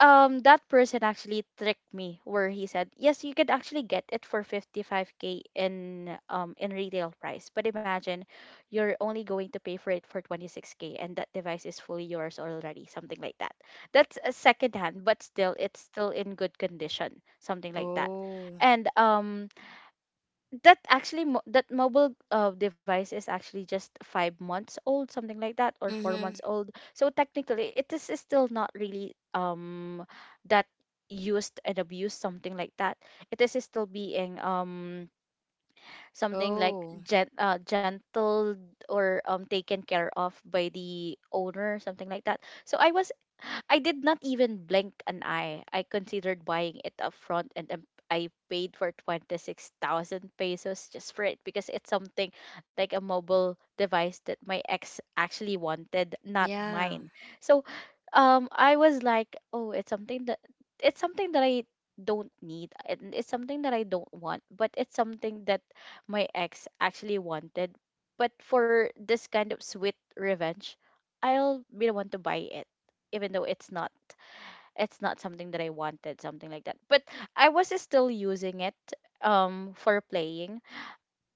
S3: that person actually tricked me, where he said yes, you could actually get it for 55k in retail price, but imagine you're only going to pay for it for 26k and that device is fully yours already, something like that. That's a second hand, but still it's still in good condition, something like that.
S1: Oh.
S3: And that actually that mobile device is actually just 5 months old, something like that, or four
S1: Mm-hmm.
S3: months old, so technically it is still not really that used and abused, something like that. It is still being something like
S1: Oh,
S3: gentle or taken care of by the owner, something like that. So I was, I did not even blink an eye. I considered buying it up front and I paid for 26,000 pesos just for it because it's something like a mobile device that my ex actually wanted, not
S1: yeah.
S3: mine. So I was like, oh, it's something that I don't need, and it's something that I don't want, but it's something that my ex actually wanted. But for this kind of sweet revenge, I'll be the one to buy it, even though it's not something that I wanted, something like that. But I was still using it for playing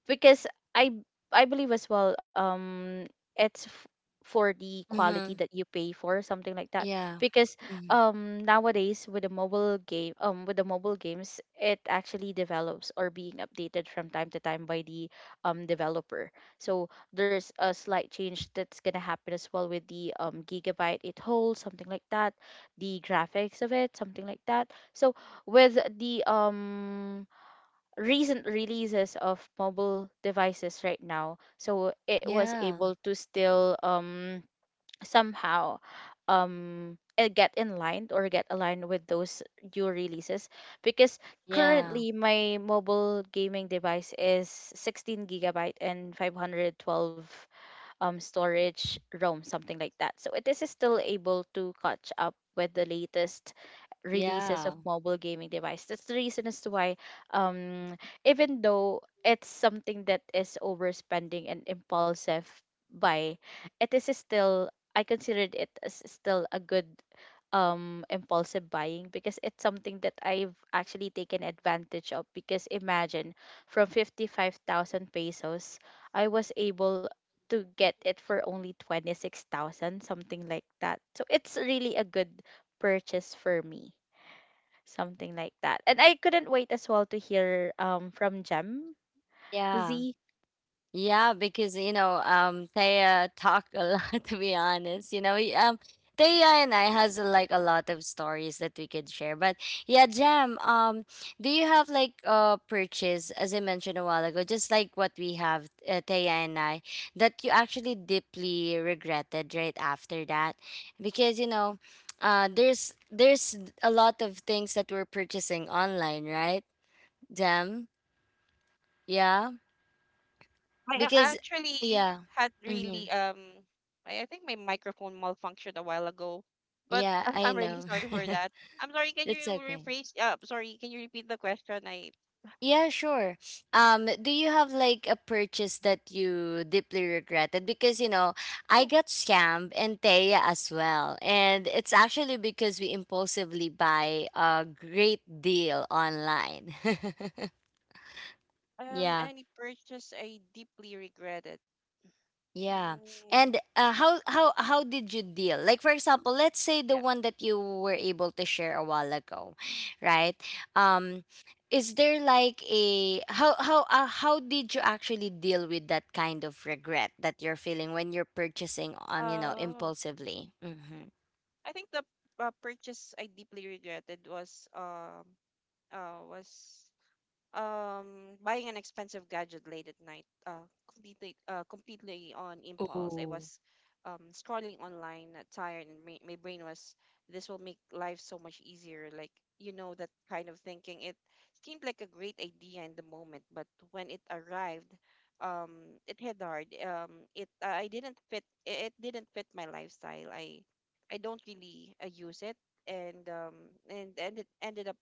S3: because I I believe as well it's for the quality
S1: Mm-hmm.
S3: that you pay for, something like that.
S1: Yeah.
S3: Because
S1: Mm-hmm.
S3: nowadays with the mobile games, it actually develops or being updated from time to time by the developer. So there's a slight change that's gonna happen as well with the gigabyte it holds, something like that, the graphics of it, something like that. So with the recent releases of mobile devices right now, so it was
S1: Yeah,
S3: able to still somehow get in line or get aligned with those new releases, because
S1: yeah,
S3: currently my mobile gaming device is 16 gigabyte and 512 storage ROM, something like that. So it is still able to catch up with the latest releases of
S1: yeah,
S3: mobile gaming device. That's the reason as to why, um, even though it's something that is overspending and impulsive buy, it is still, I considered it as still a good impulsive buying, because it's something that I've actually taken advantage of, because imagine from 55,000 pesos I was able to get it for only 26,000, something like that. So it's really a good purchase for me, something like that. And I couldn't wait as well to hear from Gem
S1: yeah.
S3: Z.
S1: Yeah, because Taya talk a lot. *laughs* To be honest, Taya and I has like a lot of stories that we could share. But yeah, Jam, do you have like purchase as I mentioned a while ago, just like what we have, Taya and I, that you actually deeply regretted right after that, because there's a lot of things that we're purchasing online, right, Jam? Yeah,
S2: I a-
S1: because
S2: actually
S1: yeah.
S2: had
S1: Mhm.
S2: really I think my microphone malfunctioned a while ago, but *laughs*
S1: Yeah,
S2: I'm,
S1: I
S2: I'm really
S1: know.
S2: sorry for
S1: *laughs*
S2: that. I'm sorry. Can
S1: It's
S2: you
S1: okay.
S2: rephrase? Sorry. Can you repeat the question? I
S1: Yeah, sure. Do you have like a purchase that you deeply regretted? Because you know, I
S2: Oh.
S1: got scammed and Taya as well. And it's actually because we impulsively buy a great deal online. *laughs* Yeah.
S2: Any purchase I deeply regretted.
S1: Yeah.
S2: Mm.
S1: And how did you deal? Like for example, let's say
S2: Yeah.
S1: the one that you were able to share a while ago, right? Um is there like a how did you actually deal with that kind of regret that you're feeling when you're purchasing
S2: Oh,
S1: impulsively? Mhm.
S2: I think the, purchase I deeply regretted was, uh, was buying an expensive gadget late at night, completely on impulse. I
S1: Oh.
S2: was scrolling online, tired, and my brain was, this will make life so much easier, like, you know, that kind of thinking. It seemed like a great idea in the moment, but when it arrived, um it hit hard. It didn't fit my lifestyle. I don't really use it, and and it ended up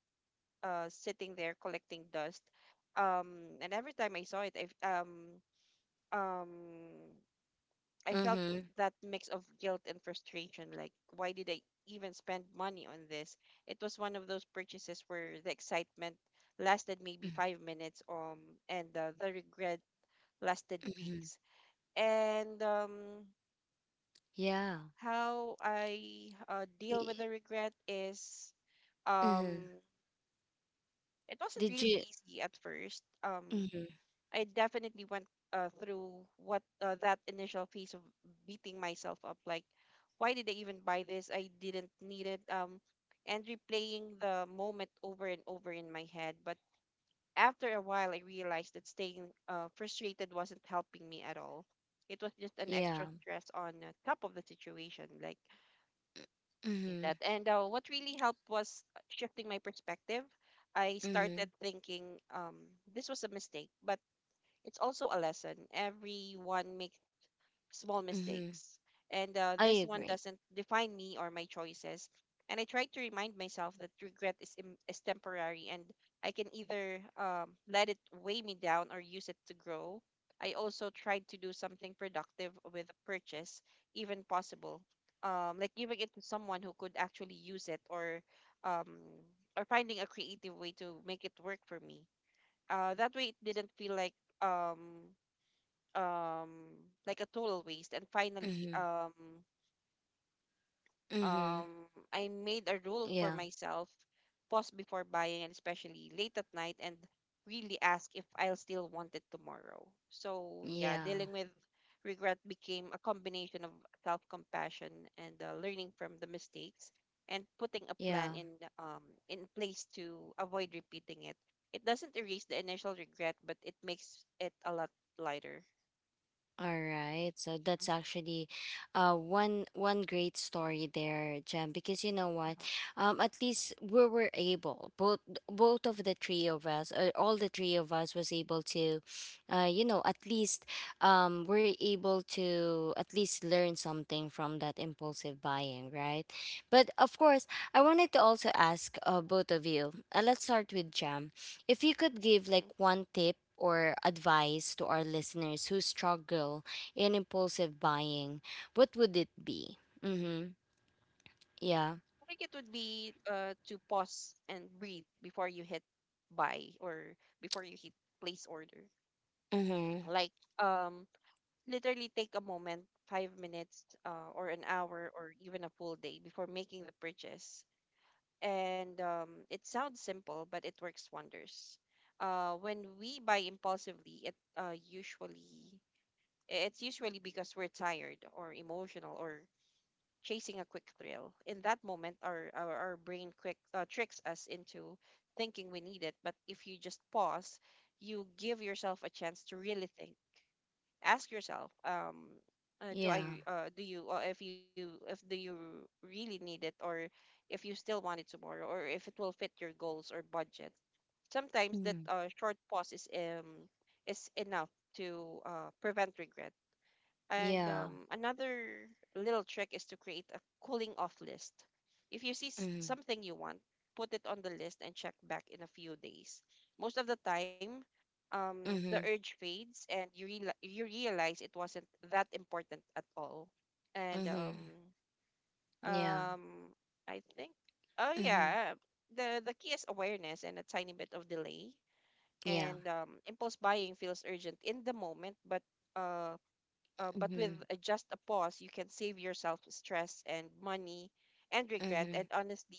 S2: sitting there collecting dust. And every time I saw it, um I felt
S1: Mhm.
S2: that mix of guilt and frustration. Like, why did I even spend money on this? It was one of those purchases where the excitement lasted maybe 5 minutes, and the regret lasted
S1: Mhm.
S2: weeks. And,
S1: Yeah.
S2: how I deal with
S1: Y-
S2: the regret is,
S1: Mhm.
S2: um it wasn't
S1: Did
S2: really
S1: you
S2: easy at first.
S1: Mhm.
S2: I definitely went through what that initial phase of beating myself up. Like, why did I even buy this? I didn't need it. And replaying the moment over and over in my head. But after a while, I realized that staying frustrated wasn't helping me at all. It was just an
S1: Yeah.
S2: extra stress on, top of the situation, like
S1: Mhm.
S2: that. And what really helped was shifting my perspective. I started
S1: Mhm.
S2: thinking, this was a mistake, but it's also a lesson. Everyone makes small
S1: Mhm.
S2: mistakes, and
S1: I
S2: this one
S1: agree.
S2: doesn't define me or my choices. And I try to remind myself that regret is, is temporary, and I can either let it weigh me down or use it to grow. I also tried to do something productive with a purchase, even possible, like giving it to someone who could actually use it, or, um, finding a creative way to make it work for me. That way, it didn't feel like, um um like a total waste. And finally,
S1: Mm-hmm. Mm-hmm.
S2: um I made a rule for
S1: Yeah.
S2: myself: pause before buying, and especially late at night, and really ask if I'll still want it tomorrow. So, yeah,
S1: Yeah.
S2: dealing with regret became a combination of self-compassion and learning from the mistakes, and putting a
S1: Yeah.
S2: plan in, in place, to avoid repeating it. It doesn't erase the initial regret, but it makes it a lot lighter.
S1: All right. So that's
S2: Mhm.
S1: actually one great story there, Jem, because you know what?
S2: Uh-huh.
S1: At least we were able, both of the three of us, all the three of us was able to at least we're able to at least learn something from that impulsive buying, right? But of course, I wanted to also ask both of you. Let's start with Jem. If you could give like one tip or advice to our listeners who struggle in impulsive buying, what would it be? Mm-hmm.
S2: I think
S1: Yeah.
S2: it would be to pause and breathe before you hit buy, or before you hit place order.
S1: Mm-hmm.
S2: Like, um literally take a moment, 5 minutes, or an hour, or even a full day, before making the purchase. And, it sounds simple, but it works wonders. When we buy impulsively, it's usually because we're tired, or emotional, or chasing a quick thrill. In that moment, our brain quick tricks us into thinking we need it. But if you just pause, you give yourself a chance to really think. Ask yourself, do
S1: Yeah.
S2: I do you if you if do you really need it, or if you still want it tomorrow, or if it will fit your goals or budget. Sometimes that
S1: Mm-hmm.
S2: short pause is, is enough to prevent regret. And
S1: Yeah.
S2: another little trick is to create a cooling off list. If you see
S1: Mm-hmm.
S2: something you want, put it on the list and check back in a few days. Most of the time, the
S1: Mm-hmm.
S2: urge fades, and you realize it wasn't that important at all. And
S1: Mm-hmm. Yeah.
S2: um, I think, oh
S1: Mm-hmm.
S2: yeah, the key is awareness and a tiny bit of delay.
S1: Yeah.
S2: And impulse buying feels urgent in the moment, but uh, but with
S1: Mm-hmm.
S2: just a pause, you can save yourself stress, and money, and regret.
S1: Mm-hmm.
S2: And honestly,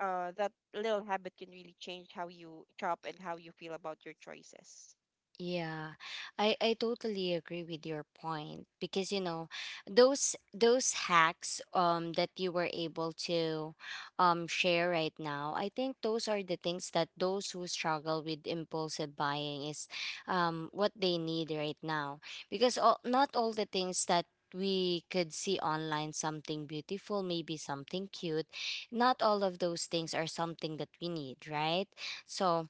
S2: that little habit can really change how you shop and how you feel about your choices.
S1: Yeah, I totally agree with your point because you know those hacks that you were able to share right now. I think those are the things that those who struggle with impulsive buying is what they need right now because not all the things that we could see online, something beautiful, maybe something cute, not all of those things are something that we need, right? So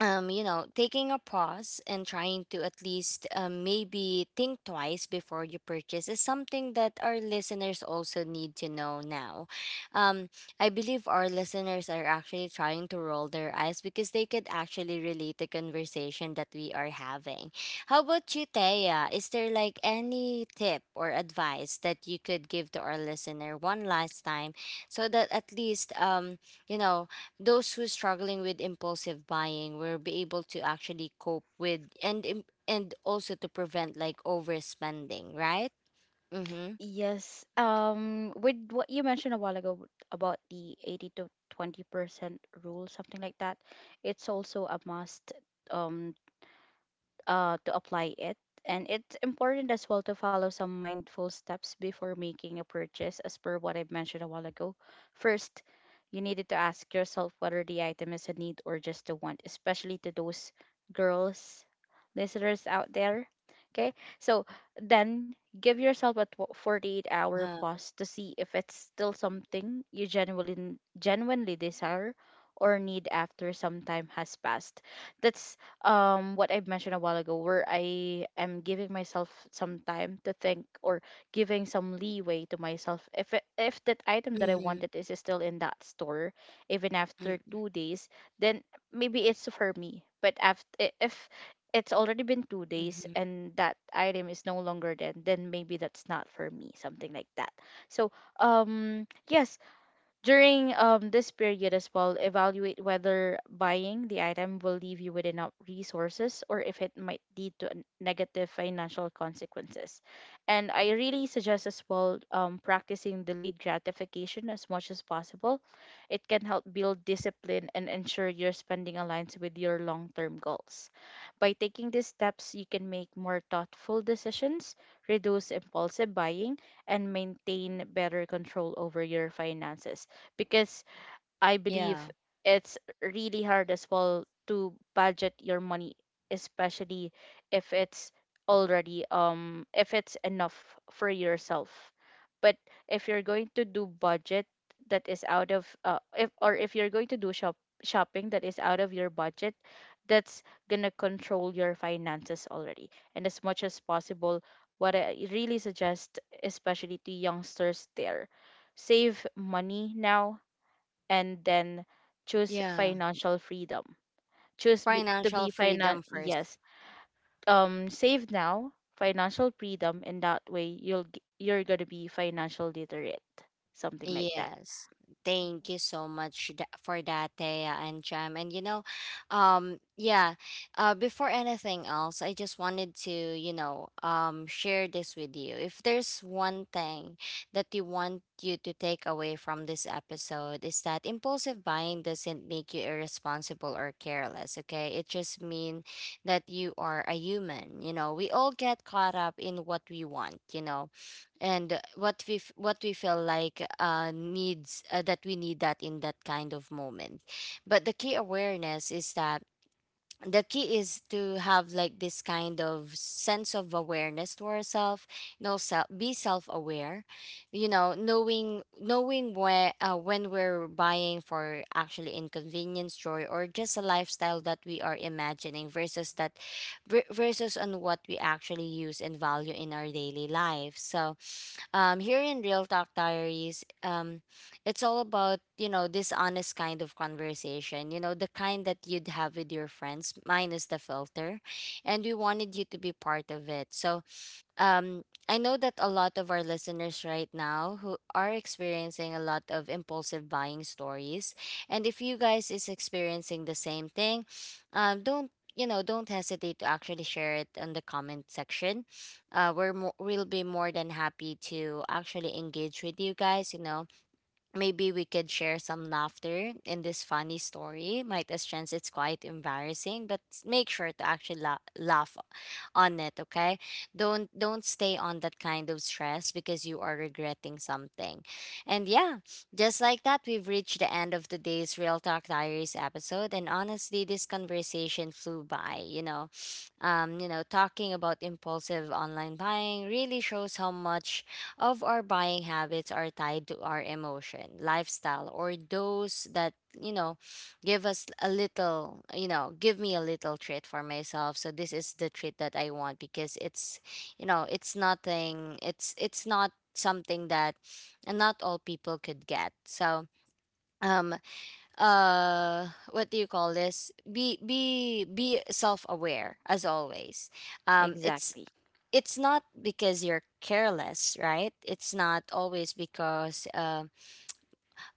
S1: taking a pause and trying to at least maybe think twice before you purchase is something that our listeners also need to know now. Um, I believe our listeners are actually trying to roll their eyes because they could actually relate the conversation that we are having. How about you, Thea? Is there like any tip or advice that you could give to our listener one last time so that at least, you know, those who struggling with impulsive buying will be able to actually cope with and and also to prevent like overspending, right? Mm-hmm.
S3: Yes. With what you mentioned a while ago about the 80 to 20% rule, something like that, it's also a must um to apply it. And it's important as well to follow some mindful steps before making a purchase, as per what I mentioned a while ago. First, you needed to ask yourself whether the item is a need or just a want, especially to those girls listeners out there. Okay, so then give yourself a 48-hour
S1: Uh-huh.
S3: pause to see if it's still something you genuinely desire or need after some time has passed. That's what I mentioned a while ago, where I am giving myself some time to think, or giving some leeway to myself, if it, if that item that I
S1: Mm-hmm.
S3: wanted is still in that store even after 2 days, then maybe it's for me. But after, if it's already been 2 days
S1: Mm-hmm.
S3: and that item is no longer there, then maybe that's not for me, something like that. So yes, during this period as well, evaluate whether buying the item will leave you with enough resources or if it might lead to negative financial consequences. And I really suggest as well practicing delayed gratification as much as possible. It can help build discipline and ensure your spending aligns with your long term goals. By taking these steps, you can make more thoughtful decisions, reduce impulsive buying, and maintain better control over your finances, because I believe
S1: Yeah.
S3: it's really hard as well to budget your money, especially if it's already if it's enough for yourself. But if you're going to do budget that is out of if or if you're going to do shopping that is out of your budget, that's gonna control your finances already. And as much as possible, what I really suggest, especially to youngsters there, save money now and then choose
S1: Yeah.
S3: financial freedom. To
S1: financial
S3: be finan
S1: freedom first.
S3: yes. Save now, financial freedom, and that way you'll you're gonna be financial literate, something like that.
S1: Yes.
S2: Mhm.
S1: Thank you so much for that, Thea and Jam. And, yeah, before anything else, I just wanted to, share this with you. If there's one thing that you want you to take away from this episode is that impulsive buying doesn't make you irresponsible or careless, okay? It just means that you are a human. You know, we all get caught up in what we want, and what what we feel like needs that we need that in that kind of moment, but the key is to have like this kind of sense of awareness to ourselves. No self Be self-aware, you know, knowing where when we're buying for actually inconvenience joy or just a lifestyle that we are imagining versus that, versus on what we actually use and value in our daily life. So here in Real Talk Diaries, it's all about, you know, this honest kind of conversation, you know, the kind that you'd have with your friends, minus the filter. And we wanted you to be part of it. So I know that a lot of our listeners right now who are experiencing a lot of impulsive buying stories, and if you guys is experiencing the same thing, don't, you know? Don't hesitate to actually share it in the comment section. We're mo- we'll be more than happy to actually engage with you guys. You know, maybe we could share some laughter in this funny story. Might as chance it's quite embarrassing, but make sure to actually laugh on it, okay? Don't stay on that kind of stress because you are regretting something. And yeah, just like that, we've reached the end of today's Real Talk Diaries episode. And honestly, this conversation flew by, you know. You know, talking about impulsive online buying really shows how much of our buying habits are tied to our emotion, lifestyle, or those that, you know, give us a little, you know, give me a little treat for myself. So this is the treat that I want because it's, you know, it's nothing, it's not something that and not all people could get. So um what do you call this? Be self-aware as always. um it's
S3: Exactly.
S1: it's not because you're careless, right? It's not always because uh,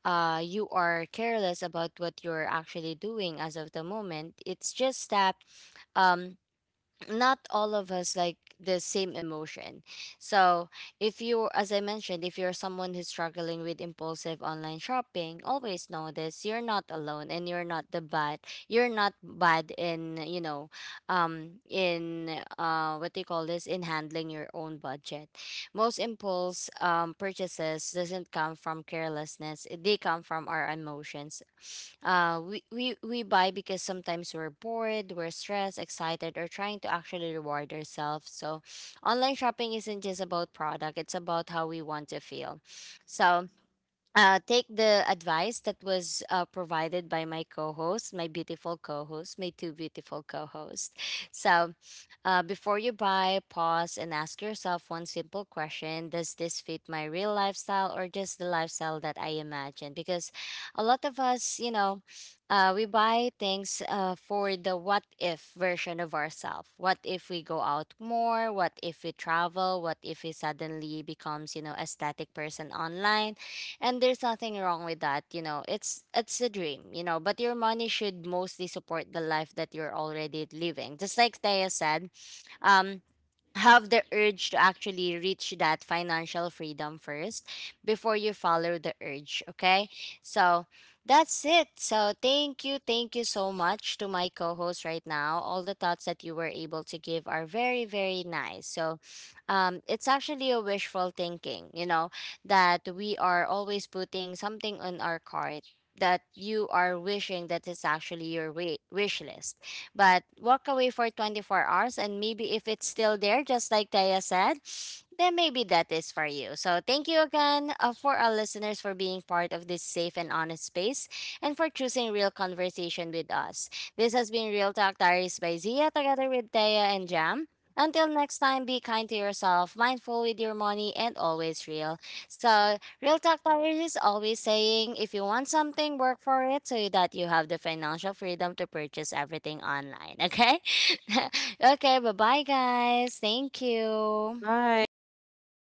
S1: uh, you are careless about what you're actually doing as of the moment. It's just that, um, not all of us like the same emotion. So, if you, as I mentioned, if you're someone who's struggling with impulsive online shopping, always know this: you're not alone, and you're not the bad. You're not bad in, you know, in, what do you call this? In handling your own budget. Most impulse purchases doesn't come from carelessness. They come from our emotions. We buy because sometimes we're bored, we're stressed, excited, or trying to actually reward ourselves. So online shopping isn't just about product. It's about how we want to feel. So take the advice that was provided by my co-host, my beautiful co-host, my two beautiful co-hosts. So, before you buy, pause and ask yourself one simple question: Does this fit my real lifestyle or just the lifestyle that I imagine? Because a lot of us, you know, we buy things for the what if version of ourselves. What if we go out more? What if we travel? What if we suddenly becomes, you know, aesthetic person online? And there's nothing wrong with that, you know. It's a dream, you know, but your money should mostly support the life that you're already living, just like Thea said. um have the urge to actually reach that financial freedom first before you follow the urge, okay? So that's it. So thank you, thank you so much to my co-host right now. All the thoughts that you were able to give are very, very nice. So it's actually a wishful thinking, you know, that we are always putting something on our cart, that you are wishing that is actually your wish list, but walk away for 24 hours, and maybe if it's still there, just like Taya said, then maybe that is for you. So thank you again for our listeners for being part of this safe and honest space and for choosing real conversation with us. This has been Real Talk Diaries by Zia together with Taya and Jam. Until next time, be kind to yourself, mindful with your money, and always real. So Real talk tires is always saying if you want something, work for it so that you have the financial freedom to purchase everything online. Okay? *laughs* Okay, bye bye, guys. Thank you.
S3: Thank
S2: Bye.
S3: you. Bye.